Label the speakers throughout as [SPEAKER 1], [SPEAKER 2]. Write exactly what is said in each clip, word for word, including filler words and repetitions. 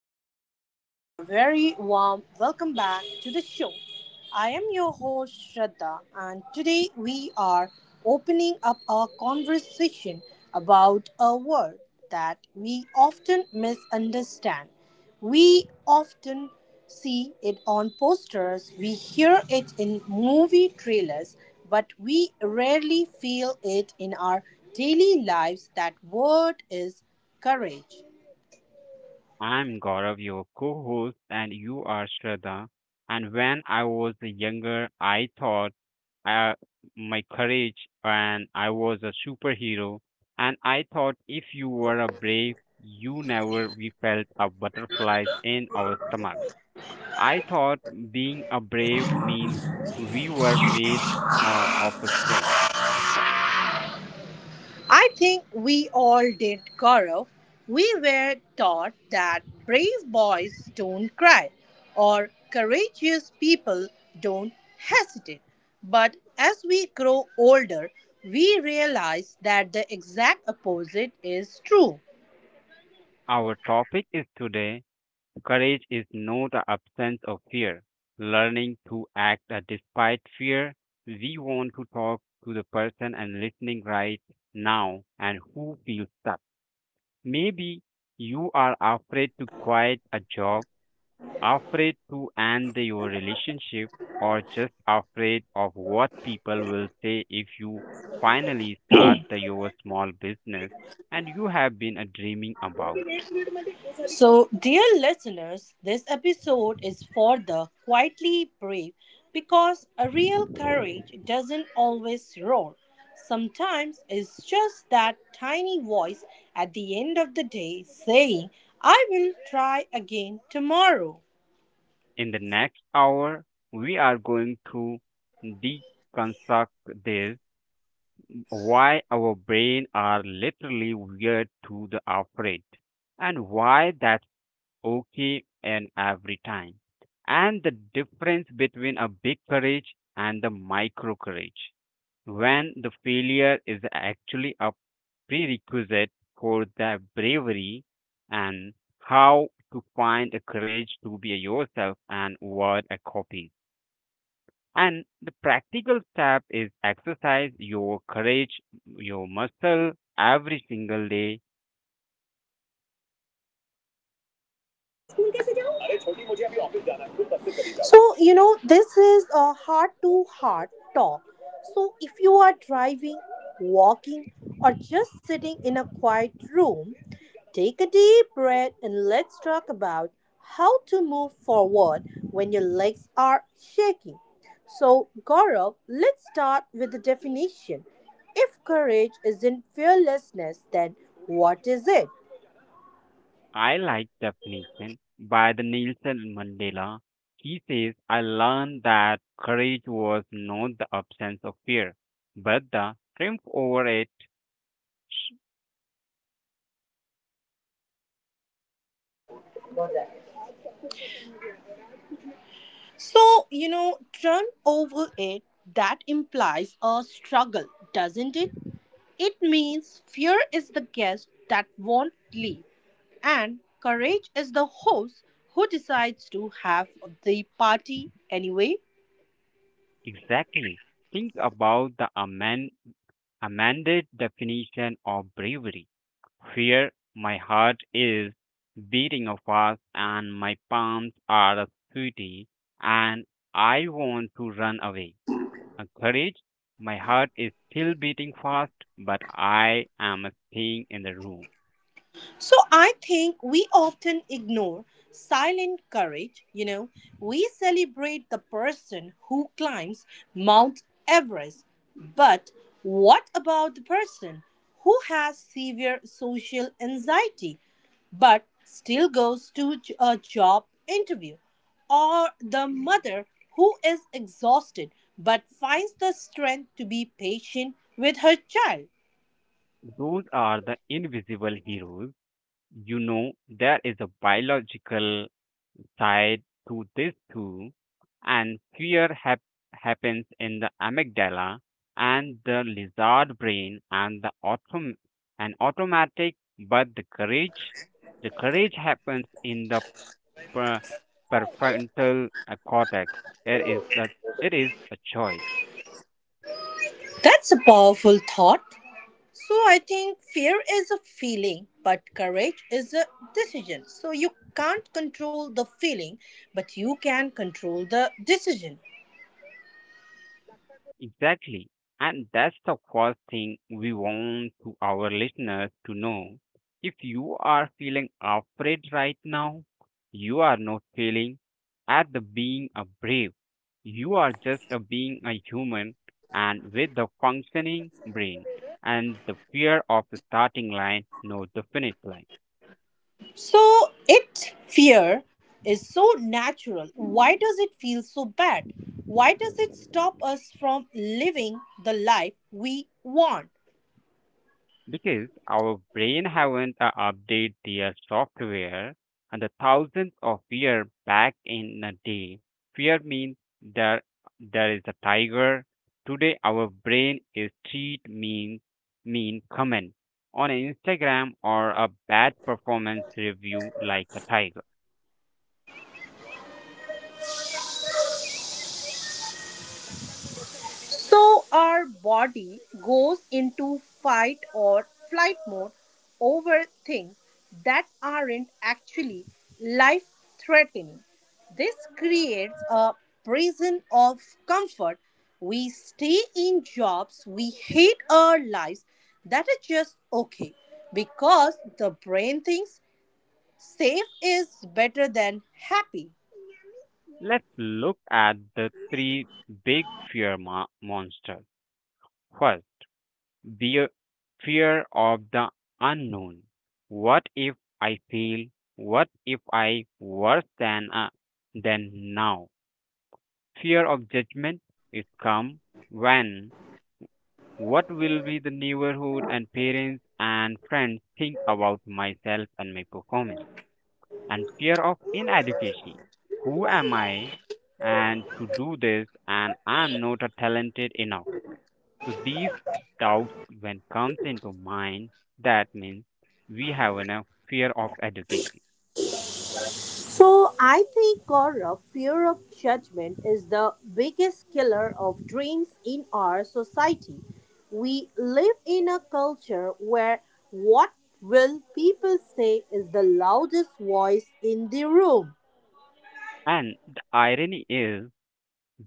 [SPEAKER 1] Hello, everyone, and a very warm welcome back to the show. I am your host, Shraddha, and today we are opening up our conversation about a word that we often misunderstand. We often see it on posters, we hear it in movie trailers, but we rarely feel it in our daily lives. That word is courage.
[SPEAKER 2] I'm Gaurav, your co host, and you are Shraddha. And when I was younger, I thought uh, my courage and I was a superhero. And I thought if you were a brave, you never we felt a butterflies in our stomach. I thought being a brave means we were made uh, of a stone.
[SPEAKER 1] I think we all did, Gaurav. We were taught that brave boys don't cry or courageous people don't hesitate. But as we grow older, we realize that the exact opposite is true.
[SPEAKER 2] Our topic is today courage is not the absence of fear. Learning to act uh, despite fear. We want to talk to the person and listening right now and who feels stuck. Maybe you are afraid to quit a job, afraid to end your relationship, or just afraid of what people will say if you finally start the, your small business and you have been uh, dreaming about.
[SPEAKER 1] So, dear listeners, this episode is for the quietly brave because a real courage doesn't always roar. Sometimes it's just that tiny voice at the end of the day saying, I will try again tomorrow.
[SPEAKER 2] In the next hour, we are going to deconstruct this why our brains are literally weird to the afraid and why that's okay and every time and the difference between a big courage and the micro courage when the failure is actually a prerequisite for the bravery and how to find the courage to be yourself and what a copy and the practical step is exercise your courage, your muscle every single day.
[SPEAKER 1] So, you know, this is a heart to heart talk. So, if you are driving, walking, or just sitting in a quiet room, take a deep breath and let's talk about how to move forward when your legs are shaking. So, Gaurav, let's start with the definition. If courage isn't fearlessness, then what is it?
[SPEAKER 2] I like definition by the Nelson Mandela. He says, I learned that courage was not the absence of fear, but the triumph over it.
[SPEAKER 1] So, you know, turn over it, that implies a struggle, doesn't it? It means fear is the guest that won't leave, and courage is the host who decides to have the party anyway.
[SPEAKER 2] Exactly. Think about the amend, amended definition of bravery, where my heart is beating fast and my palms are sweaty and I want to run away. Courage, my heart is still beating fast, but I am staying in the room.
[SPEAKER 1] So I think we often ignore silent courage. You know, we celebrate the person who climbs Mount Everest, but what about the person who has severe social anxiety but still goes to j- a job interview? Or the mother who is exhausted but finds the strength to be patient with her child?
[SPEAKER 2] Those are the invisible heroes. You know, there is a biological tied to these two, and fear hap- happens in the amygdala and the lizard brain and the autom- and automatic, but the courage, the courage happens in the per- prefrontal uh, cortex. It is the it is a choice.
[SPEAKER 1] That's a powerful thought. So I think fear is a feeling, but courage is a decision. So you can't control the feeling, but you can control the decision.
[SPEAKER 2] Exactly. And that's the first thing we want to our listeners to know. If you are feeling afraid right now, you are not failing at the being a brave. You are just a being a human and with the functioning brain and the fear of the starting line, not the finish line.
[SPEAKER 1] So it fear is so natural. Why does it feel so bad? Why does it stop us from living the life we want?
[SPEAKER 2] Because our brain haven't uh, updated their software and the thousands of year back in a day. Fear means there there is a tiger. Today our brain is treat mean mean comment on Instagram or a bad performance review like a tiger.
[SPEAKER 1] So our body goes into fight or flight mode over things that aren't actually life threatening. This creates a prison of comfort. We stay in jobs we hate our lives that are just okay because the brain thinks safe is better than happy.
[SPEAKER 2] Let's look at the three big fear mo- monsters. First, the fear of the unknown. What if I fail? What if I worse than uh, than now? Fear of judgment is come when what will be the neighborhood and parents and friends think about myself and my performance, and fear of inadequacy. Who am I and to do this and I am not a talented enough, so these doubts when comes into mind, that means we have a fear of education.
[SPEAKER 1] So I think, Gaurav, fear of judgment is the biggest killer of dreams in our society. We live in a culture where what will people say is the loudest voice in the room.
[SPEAKER 2] And the irony is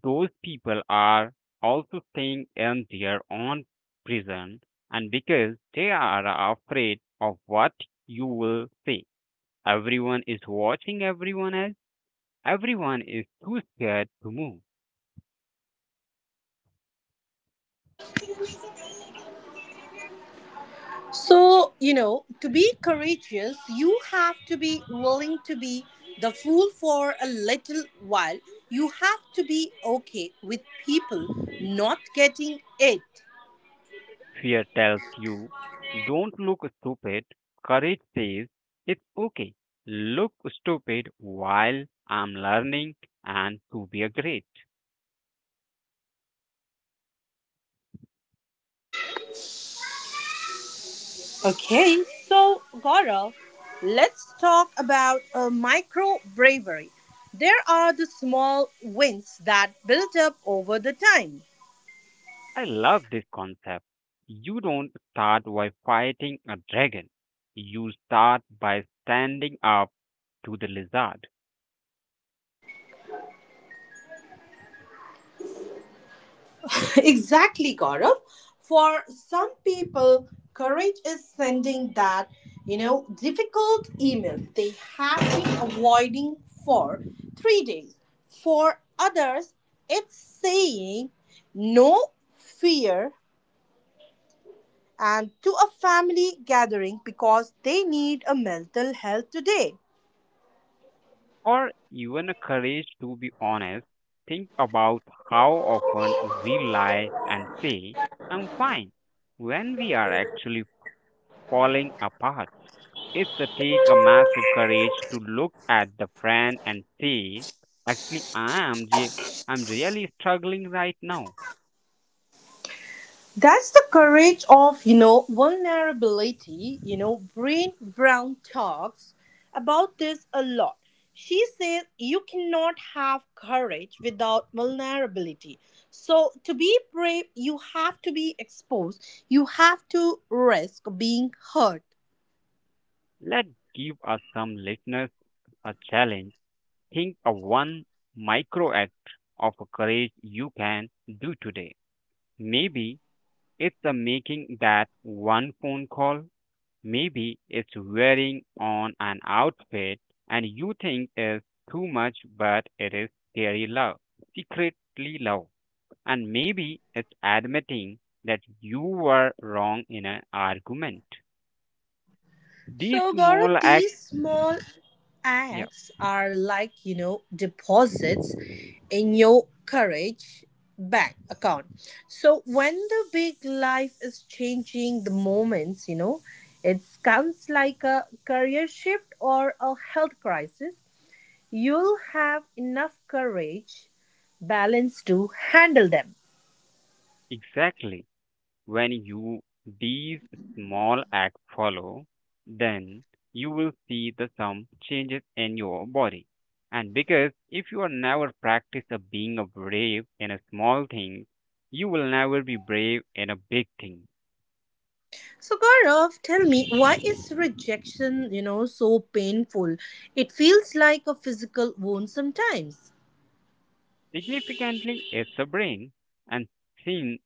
[SPEAKER 2] those people are also staying in their own prison and because they are afraid of what you will say. Everyone is watching everyone else. Everyone is too scared to move.
[SPEAKER 1] So, you know, to be courageous, you have to be willing to be the fool for a little while. You have to be okay with people not getting it.
[SPEAKER 2] Fear tells you, don't look stupid. Courage says, it's okay. Look stupid while I'm learning and to be a great.
[SPEAKER 1] Okay, so Gaurav, let's talk about uh, micro bravery. There are the small wins that build up over the time.
[SPEAKER 2] I love this concept. You don't start by fighting a dragon. You start by standing up to the lizard
[SPEAKER 1] Exactly, Gaurav. For some people, courage is sending that, you know, difficult email they have been avoiding for three days. For others, it's saying no fear and to a family gathering because they need a mental health today.
[SPEAKER 2] or even a courage to be honest. Think about how often we lie and say, I'm fine when we are actually falling apart. It takes a massive courage to look at the friend and say, actually, I am je- I'm really struggling right now.
[SPEAKER 1] That's the courage of, you know, vulnerability. You know, Brain Brown talks about this a lot. She says you cannot have courage without vulnerability. So, to be brave, you have to be exposed, you have to risk being hurt.
[SPEAKER 2] Let's give us some listeners a challenge. Think of one micro act of courage you can do today. Maybe it's the making that one phone call. Maybe it's wearing on an outfit and you think is too much, but it is scary love, secretly love. And maybe it's admitting that you were wrong in an argument. These
[SPEAKER 1] So,
[SPEAKER 2] small
[SPEAKER 1] Gaurav,
[SPEAKER 2] acts,
[SPEAKER 1] these small
[SPEAKER 2] yeah,
[SPEAKER 1] acts are like, you know, deposits in your courage bank account. So, when the big life is changing the moments, you know, it comes like a career shift or a health crisis, you'll have enough courage, balance to handle them.
[SPEAKER 2] exactly. When you these small acts follow, then you will see the some changes in your body. And because if you are never practice of being a brave in a small thing, you will never be brave in a big thing.
[SPEAKER 1] So Gaurav, tell me, why is rejection, you know, so painful? It feels like a physical wound sometimes.
[SPEAKER 2] Significantly, it's a brain and sin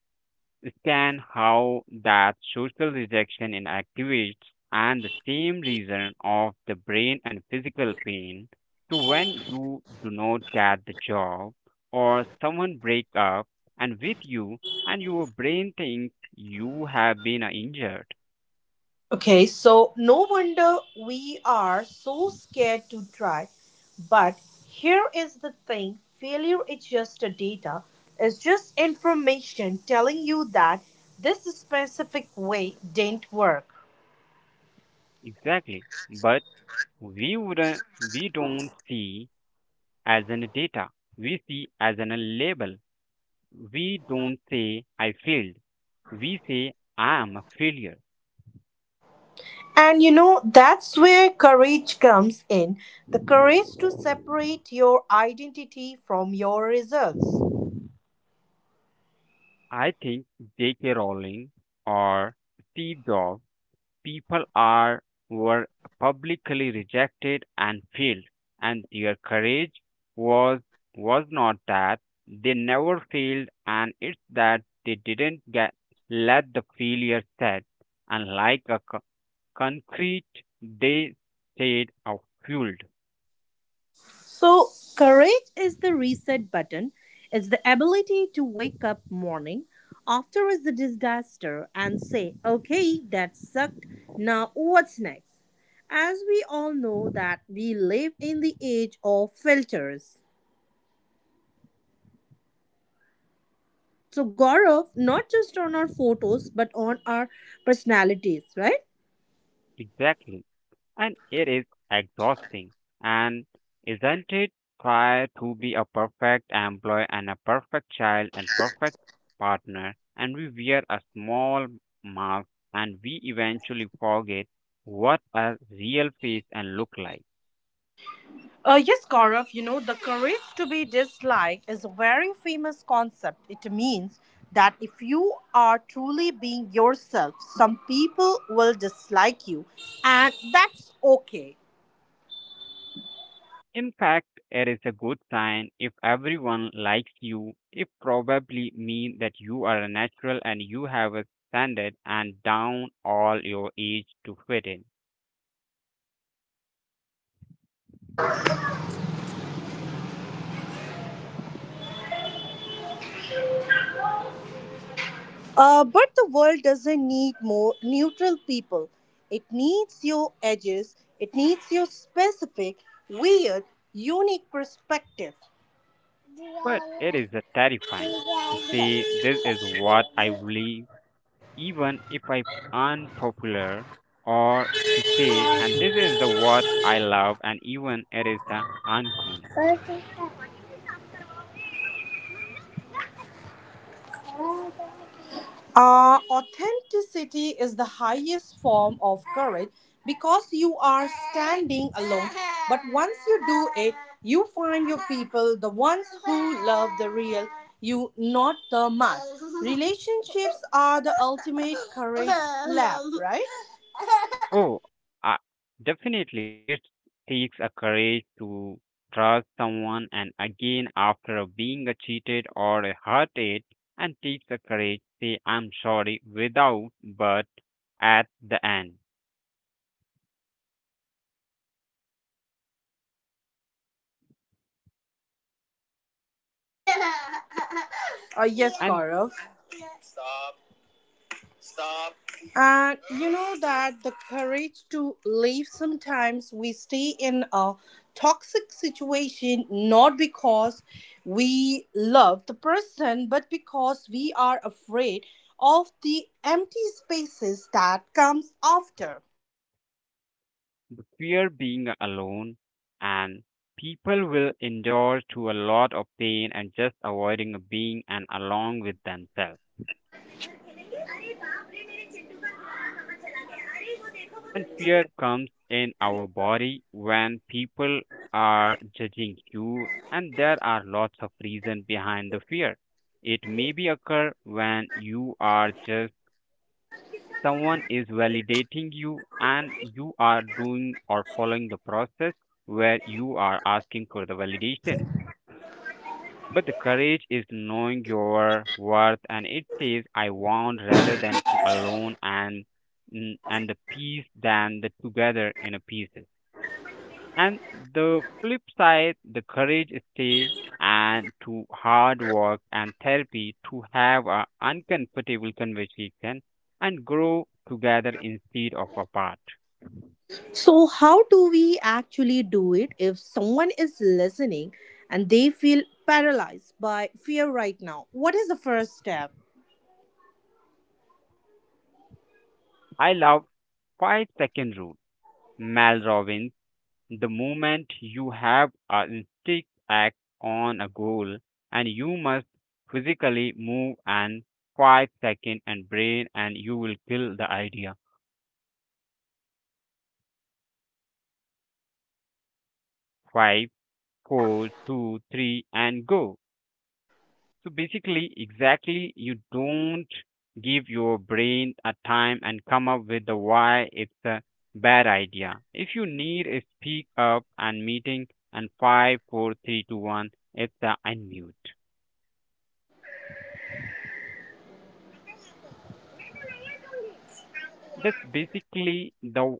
[SPEAKER 2] scan how that social rejection in activates and the same reason of the brain and physical pain. So when you do not get the job or someone break up and with you and your brain thinks you have been uh, injured.
[SPEAKER 1] Okay, so no wonder we are so scared to try. But here is the thing failure is just a data, it's just information telling you that this specific way didn't work.
[SPEAKER 2] Exactly. But we wouldn't we don't see as an data. We see as an uh, label. We don't say I failed. We say I am a failure.
[SPEAKER 1] And you know, that's where courage comes in the courage to separate your identity from your results.
[SPEAKER 2] I think J K. Rowling or Steve Jobs, people are were publicly rejected and failed, and their courage was was not that they never failed, and it's that they didn't get let the failure set, and like a co- concrete, they stayed uh, fueled.
[SPEAKER 1] So, courage is the reset button, it's the ability to wake up morning after is the disaster and say, okay, that sucked, now what's next? As we all know that we live in the age of filters. So, Gaurav, not just on our photos, but on our personalities, right?
[SPEAKER 2] Exactly. And it is exhausting. And isn't it try to be a perfect employee and a perfect child and perfect partner, and we wear a small mask and we eventually forget what a real face and look like.
[SPEAKER 1] Uh, yes, Gaurav, you know, the courage to be disliked is a very famous concept. It means that if you are truly being yourself, some people will dislike you, and that's okay.
[SPEAKER 2] In fact, it is a good sign if everyone likes you. It probably means that you are a natural and you have a standard and down all your age to fit in.
[SPEAKER 1] Uh, but the world doesn't need more neutral people. It needs your edges, it needs your specific, weird, unique perspective.
[SPEAKER 2] But it is a terrifying to say this is what I believe, even if I'm unpopular, or to say, and this is the what I love, and even it is the uncool.
[SPEAKER 1] Uh, authenticity is the highest form of courage because you are standing alone. But once you do it, you find your people, the ones who love the real you, not the mask. Relationships are the ultimate courage lab, right?
[SPEAKER 2] Oh, uh, definitely, it takes a courage to trust someone, and again, after being a cheated or a hurted, and takes a courage to say I'm sorry without, but at the end.
[SPEAKER 1] Uh, yes,
[SPEAKER 2] And
[SPEAKER 1] Gaurav. And you know that the courage to leave sometimes we stay in a toxic situation not because we love the person but because we are afraid of the empty spaces that comes after.
[SPEAKER 2] fear being alone, and people will endure to a lot of pain and just avoiding being and along with themselves. And fear comes in our body when people are judging you, and there are lots of reasons behind the fear. It may be occur when you are just someone is validating you and you are doing or following the process where you are asking for the validation. But the courage is knowing your worth and it says I want rather than to alone and mm, and the peace than the together in a pieces. And the flip side, the courage is stay and to hard work and therapy to have a uncomfortable conversation and grow together instead of apart.
[SPEAKER 1] So, how do we actually do it if someone is listening and they feel paralyzed by fear right now? What is the first step?
[SPEAKER 2] I love five second rule. Mel Robbins. The moment you have a instinct act on a goal and you must physically move and five second and brain and you will kill the idea. Five, four, two, three, and go. So basically exactly you don't give your brain a time and come up with the why it's a bad idea. If you need a speak up and meeting and five, four, three, two, one, it's a unmute. That's basically the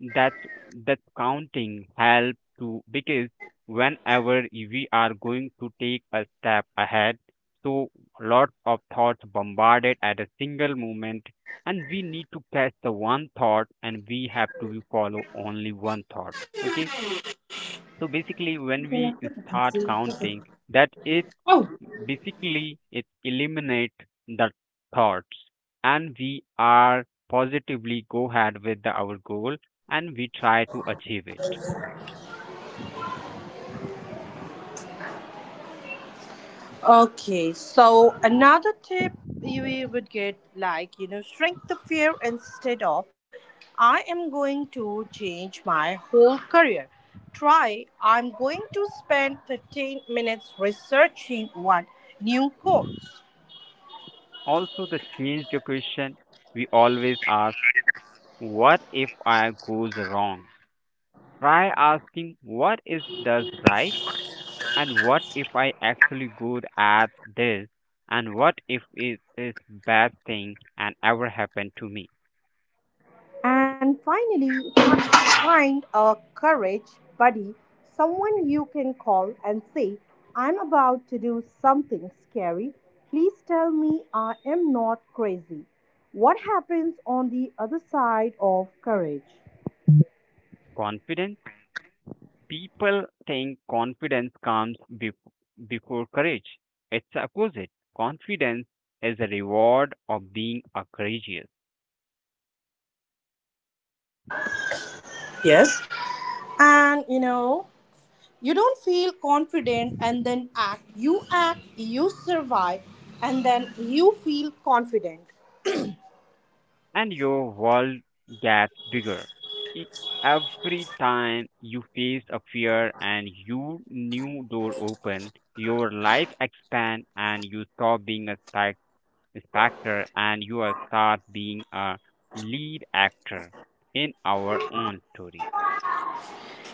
[SPEAKER 2] that's that's counting help to, because whenever we are going to take a step ahead, so lots of thoughts bombarded at a single moment, and we need to catch the one thought, and we have to follow only one thought. Okay, so basically when we start counting, that is
[SPEAKER 1] Oh,
[SPEAKER 2] basically, it eliminates the thoughts, and we are positively go ahead with the, our goal and we try to achieve it.
[SPEAKER 1] okay. So, another tip we would get like, you know, shrink the fear instead of I am going to change my whole career. Try I'm going to spend fifteen minutes researching one new course.
[SPEAKER 2] Also, the change the question we always ask, what if I goes wrong? Try asking, what is does right? And what if I actually good at this? And what if it is bad thing and ever happened to me?
[SPEAKER 1] And finally, find a courage buddy, someone you can call and say, I'm about to do something scary. Please tell me I am not crazy. What happens on the other side of courage?
[SPEAKER 2] Confidence. People think confidence comes bef- before courage. It's the opposite. Confidence is a reward of being a courageous,
[SPEAKER 1] Yes. And you know, you don't feel confident and then act. You act, you survive, and then you feel confident.
[SPEAKER 2] and your world gets bigger. E- Every time you face a fear and your new door open, your life expands and you stop being a spec- specter and you start being a lead actor in our own story.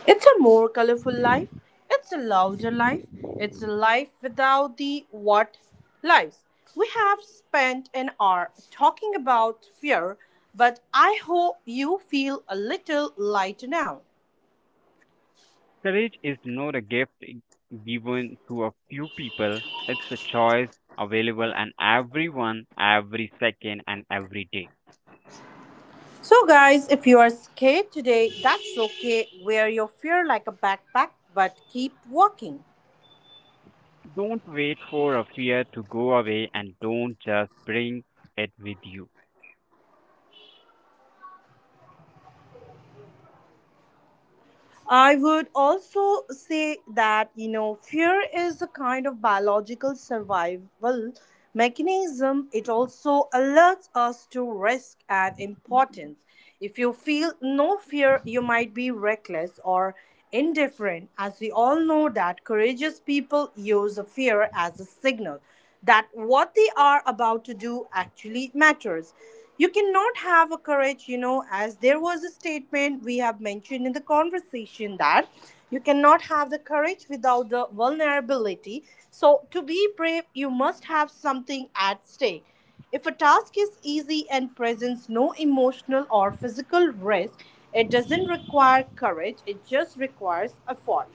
[SPEAKER 1] It's a more colorful life. It's a louder life. It's a life without the what lives. We have spent an hour talking about fear, but I hope you feel a little lighter now.
[SPEAKER 2] Courage is not a gift given to a few people, it's a choice available and everyone, every second, and every day.
[SPEAKER 1] So, guys, if you are scared today, that's okay. Wear your fear like a backpack, but keep walking.
[SPEAKER 2] Don't wait for a fear to go away and don't just bring it with you.
[SPEAKER 1] I would also say that, you know, fear is a kind of biological survival mechanism. It also alerts us to risk and importance. If you feel no fear, you might be reckless or indifferent. As we all know that courageous people use fear as a signal that what they are about to do actually matters. You cannot have a courage, you know, as there was a statement we have mentioned in the conversation that you cannot have the courage without the vulnerability. So, to be brave, you must have something at stake if a task is easy and presents no emotional or physical risk, it doesn't require courage, it just requires effort.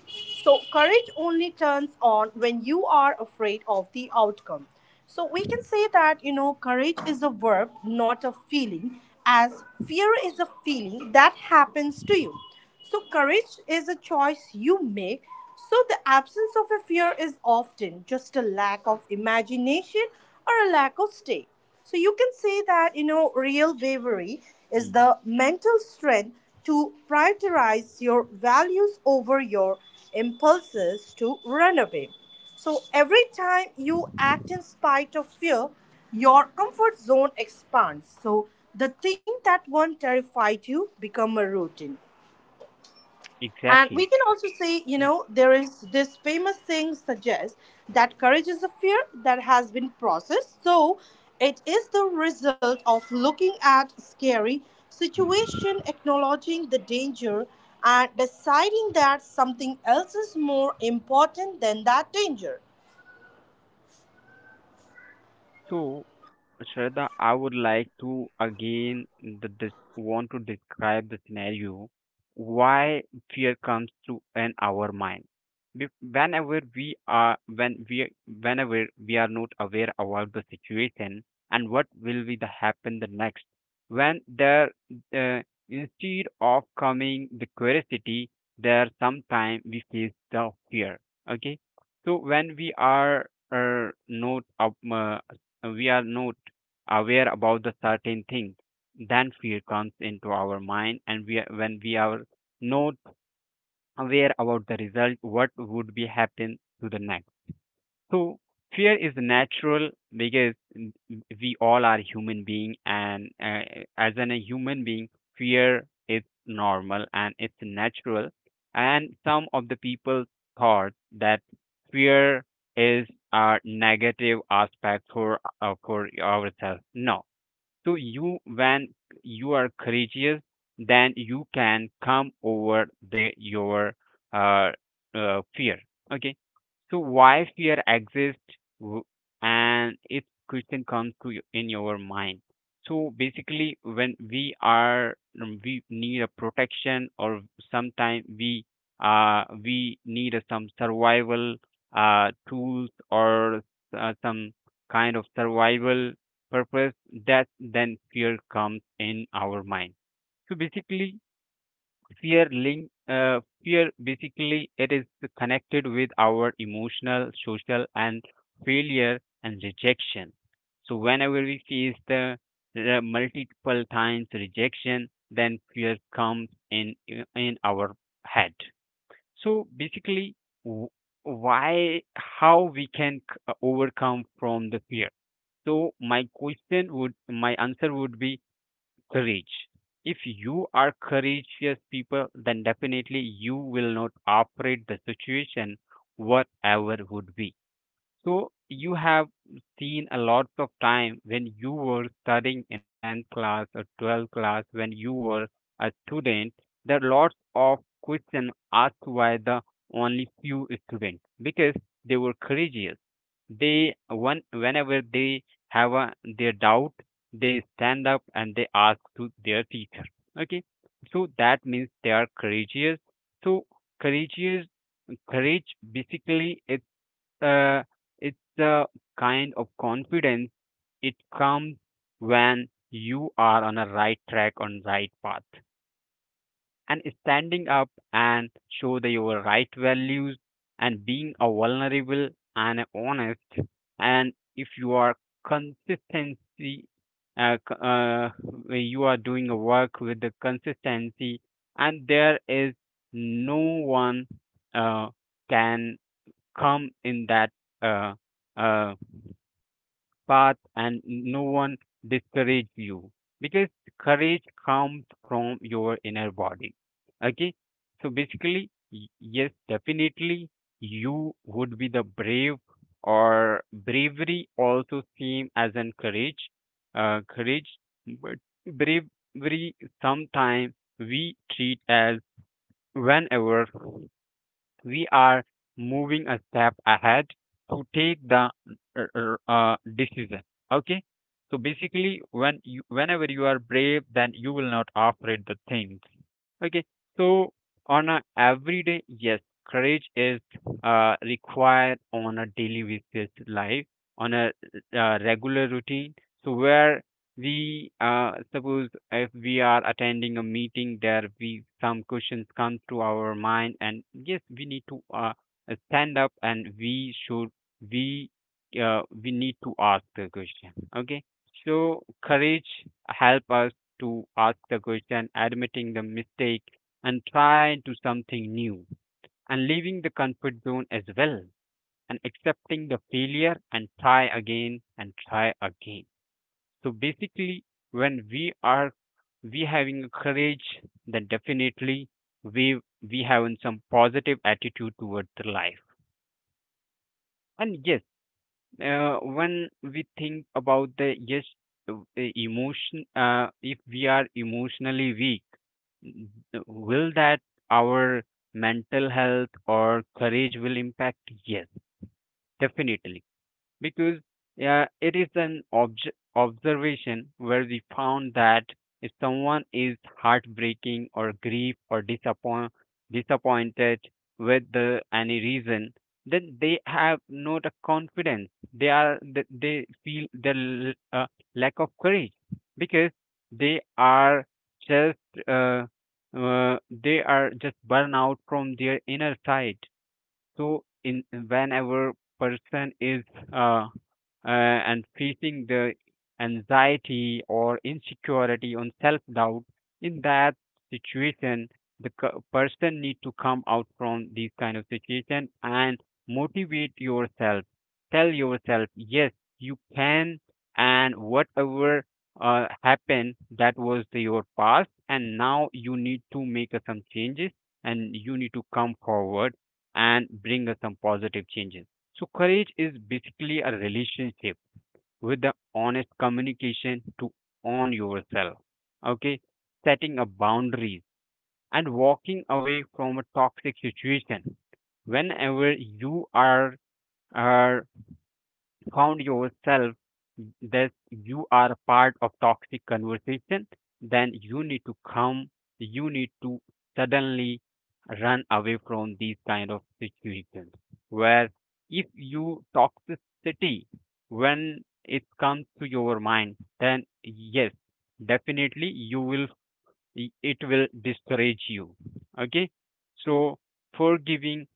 [SPEAKER 1] So, courage only turns on when you are afraid of the outcome. So, we can say that you know, courage is a verb, not a feeling, as fear is a feeling that happens to you. So, courage is a choice you make. So, the absence of a fear is often just a lack of imagination or a lack of stay. So, you can say that, you know, real bravery is
[SPEAKER 2] Mhm.
[SPEAKER 1] the mental strength to prioritize your values over your impulses to run away. So, every time you act in spite of fear, your comfort zone expands. So, the thing that once terrified you become a routine. And we
[SPEAKER 2] Exactly.
[SPEAKER 1] can also see, you
[SPEAKER 2] Yep.
[SPEAKER 1] know, there is this famous saying suggests that courage is a fear that has been processed. So it is the result of looking at scary situation, acknowledging the danger, and deciding that something else is more important than that danger.
[SPEAKER 2] So, Shraddha, I would like to again the, the, want to describe the scenario why fear comes to in our mind. Be- Whenever we are when we whenever we are not aware about the situation and what will be the happen the next, when there uh, instead of coming the curiosity, there sometime we face the fear. Okay, so when we are uh, not up, uh, we are not aware about the certain things, then fear comes into our mind, and we, are- when we are not aware about the result, what would be happen to the next. So fear is natural because n- we all are human being, and uh, as an, a human being, fear is normal and it's natural. And some of the people thought that fear is a negative aspect for uh, for ourselves. No, so you when you are courageous, then you can come over the your uh, uh, fear. Okay, so why fear exists w- and if question comes to you in your mind. So basically, when we are um, we need a protection, or sometimes we uh we need a some survival uh tools or uh, some kind of survival purpose that then fear comes in our mind. So basically fear link uh, fear basically it is connected with our emotional social and failure and rejection. So whenever we face the uh, multiple times rejection, then fear comes in in our head. So basically, w- why how we can c- overcome from the fear. So my question would my answer would be courage. If you are courageous people, then definitely you will not operate the situation, whatever would be. So you have seen a lot of time when you were studying in tenth class or twelfth class, when you were a student, there are lots of questions asked by the only few students because they were courageous. They one whenever they have a, their doubt, they stand up and they ask to their teacher. Okay, so that means they are courageous. So courageous, courage basically it's uh, it's a kind of confidence. It comes when you are on a right track on right path, and standing up and show the, your right values, and being a vulnerable and honest, and if you are consistency uh, c- uh, you are doing a work with the consistency, and there is no one uh, can come in that uh, uh, path, and no one discourage you because courage comes from your inner body. Okay, so basically y- yes, definitely you would be the brave, or bravery also same as an courage uh, courage but bravery sometimes we treat as whenever we are moving a step ahead to take the uh, uh, uh, decision. Okay, so basically when you whenever you are brave, then you will not afraid the things. Okay, so on a everyday, yes, courage is uh, required on a daily basis life, on a uh, regular routine. So where we uh, suppose if we are attending a meeting, there we some questions come to our mind, and yes, we need to uh, stand up, and we should we uh, we need to ask the question. Okay, so courage help us to ask the question, admitting the mistake, and trying to something new, and leaving the comfort zone as well, and accepting the failure and try again and try again. So basically, when we are we having courage, then definitely we we having some positive attitude towards the life. And yes, uh, when we think about the yes uh, emotion, uh, if we are emotionally weak, n- will that our mental health or courage will impact? Yes, definitely, because yeah, it is an obj- observation where we found that if someone is heartbreaking or grief or disappoint- disappointed with the, any reason, then they have not a confidence. They are th- they feel the l- uh, lack of courage because they are just uh, uh, they are just burn out from their inner side. So in whenever person is uh, uh, and facing the anxiety or insecurity on self doubt, in that situation the c- person need to come out from these kind of situation and motivate yourself, tell yourself yes you can, and whatever uh, happened, that was the, your past, and now you need to make uh, some changes, and you need to come forward and bring us some positive changes. So, courage is basically a relationship with the honest communication to own yourself, okay, setting a boundaries and walking away from a toxic situation whenever you are, are found yourself that you are part of toxic conversation, then you need to come, you need to suddenly run away from these kind of situations. Where if you toxicity when it comes to your mind, then yes, definitely you will it will discourage you. Okay, so forgiving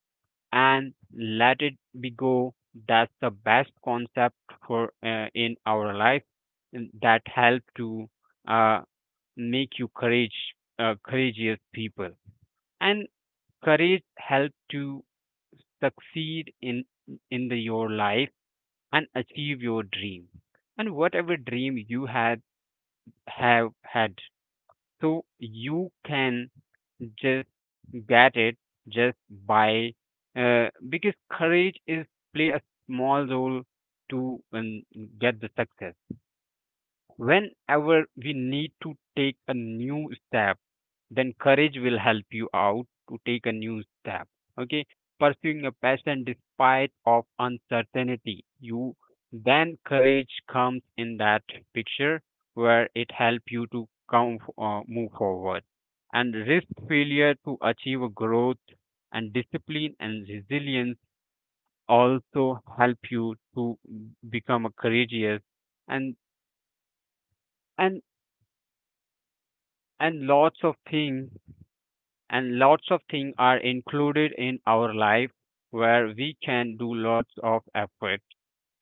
[SPEAKER 2] and let it be go. That's the best concept for uh, in our life, and that help to uh, make you courage uh, courageous people. And courage help to succeed in in the, your life, and achieve your dream, and whatever dream you had have had, so you can just get it, just by uh, because courage is play a small role to um, get the success. Whenever we need to take a new step, then courage will help you out to take a new step. Okay, pursuing a passion despite of uncertainty, you then courage comes in that picture where it help you to come uh, move forward, and risk failure to achieve a growth, and discipline and resilience also help you to become a courageous. And and and lots of things, and lots of things are included in our life where we can do lots of effort,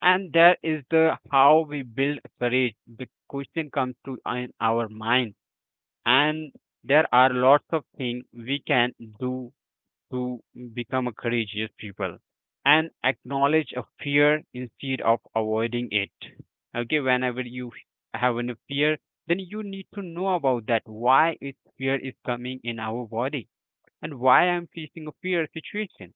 [SPEAKER 2] and that is the how we build courage. The question comes to uh, in our mind, and there are lots of things we can do to become a courageous people, and acknowledge a fear instead of avoiding it. Okay, whenever you have a fear, then you need to know about that why is fear is coming in our body, and why I'm facing a fear situation.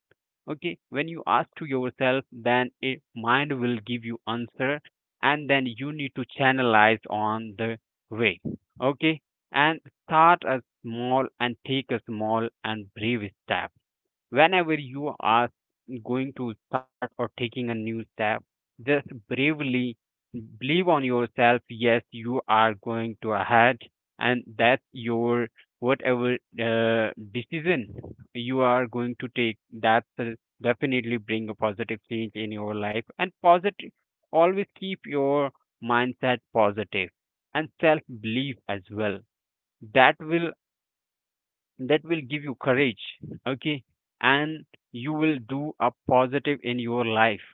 [SPEAKER 2] Okay, when you ask to yourself, then a mind will give you answer, and then you need to channelize on the way. Okay, and start a small and take a small and brave step. Whenever you are going to start or taking a new step, just bravely believe on yourself. Yes, you are going to ahead, and that's your whatever uh, decision you are going to take. That will definitely bring a positive change in your life. And positive, always keep your mindset positive and self belief as well. That will that will give you courage. Okay, and you will do a positive in your life,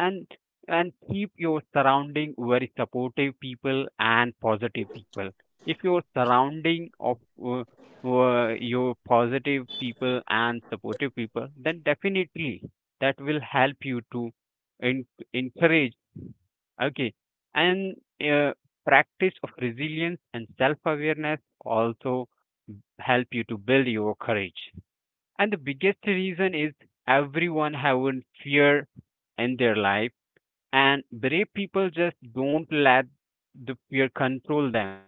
[SPEAKER 2] and and keep your surrounding very supportive people and positive people. If your surrounding of uh, uh, your positive people and supportive people, then definitely that will help you to en- encourage. Okay, and uh, practice of resilience and self awareness also help you to build your courage. And the biggest reason is everyone having fear in their life, and brave people just don't let the fear control them.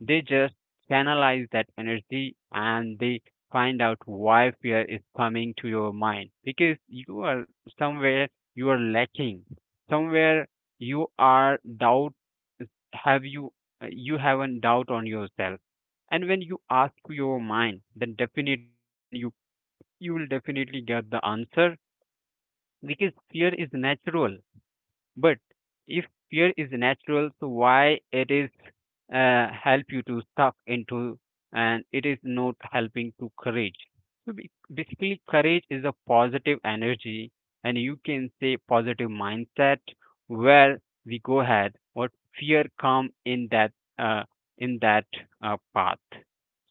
[SPEAKER 2] They just channelize that energy, and they find out why fear is coming to your mind, because you are somewhere you are lacking, somewhere you are doubt, have you uh, you have a doubt on yourself. And when you ask your mind, then definitely when you you will definitely get the answer, because fear is natural. But if fear is natural, so why it is uh, help you to stuck into, and it is not helping to courage. So ba- basically, courage is a positive energy, and you can say positive mindset where we go ahead. What fear come in that uh, in that uh, path.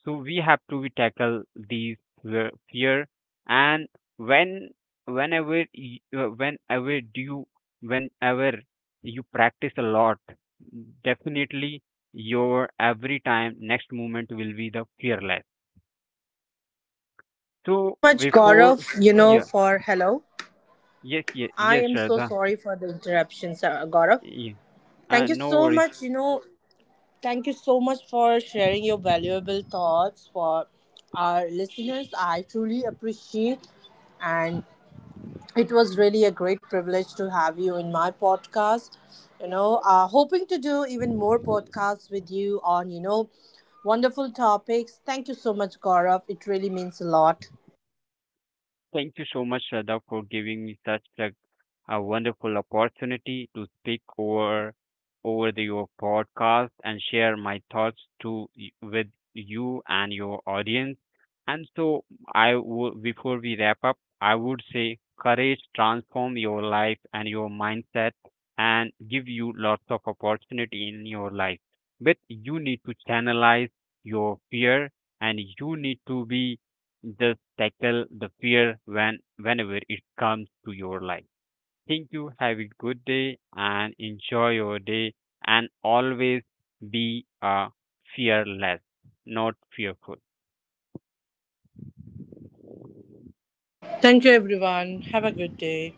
[SPEAKER 2] So we have to we tackle these fear fear and when whenever y- uh, whenever do you whenever you practice a lot, definitely your every time next movement will be the fearless.
[SPEAKER 1] Uh, thank you so
[SPEAKER 2] So
[SPEAKER 1] much,
[SPEAKER 2] before,
[SPEAKER 1] Gaurav, you know,
[SPEAKER 2] yeah,
[SPEAKER 1] for hello.
[SPEAKER 2] yes, yes,
[SPEAKER 1] I
[SPEAKER 2] yes,
[SPEAKER 1] am so
[SPEAKER 2] Shraddha,
[SPEAKER 1] sorry for the interruption, sir, Gaurav.
[SPEAKER 2] yeah. Uh,
[SPEAKER 1] Thank you
[SPEAKER 2] no
[SPEAKER 1] so
[SPEAKER 2] worries.
[SPEAKER 1] much, you know, thank you so much for sharing your valuable thoughts for our listeners. I truly appreciate and it was really a great privilege to have you in my podcast. You know, uh, hoping to do even more podcasts with you on, you know, wonderful topics. Thank you so much, Gaurav. It really means a lot.
[SPEAKER 2] Thank you so much, Shraddha, for giving me such a, a wonderful opportunity to speak over over the, your podcast and share my thoughts to y- with you and your audience. And so, I would before we wrap up, I would say courage transform your life and your mindset and give you lots of opportunity in your life. But you need to channelize your fear, and you need to be just tackle the fear when whenever it comes to your life. Thank you. Have a good day and enjoy your day. And always be uh, fearless, not fearful.
[SPEAKER 1] Thank you, everyone. Have a good day.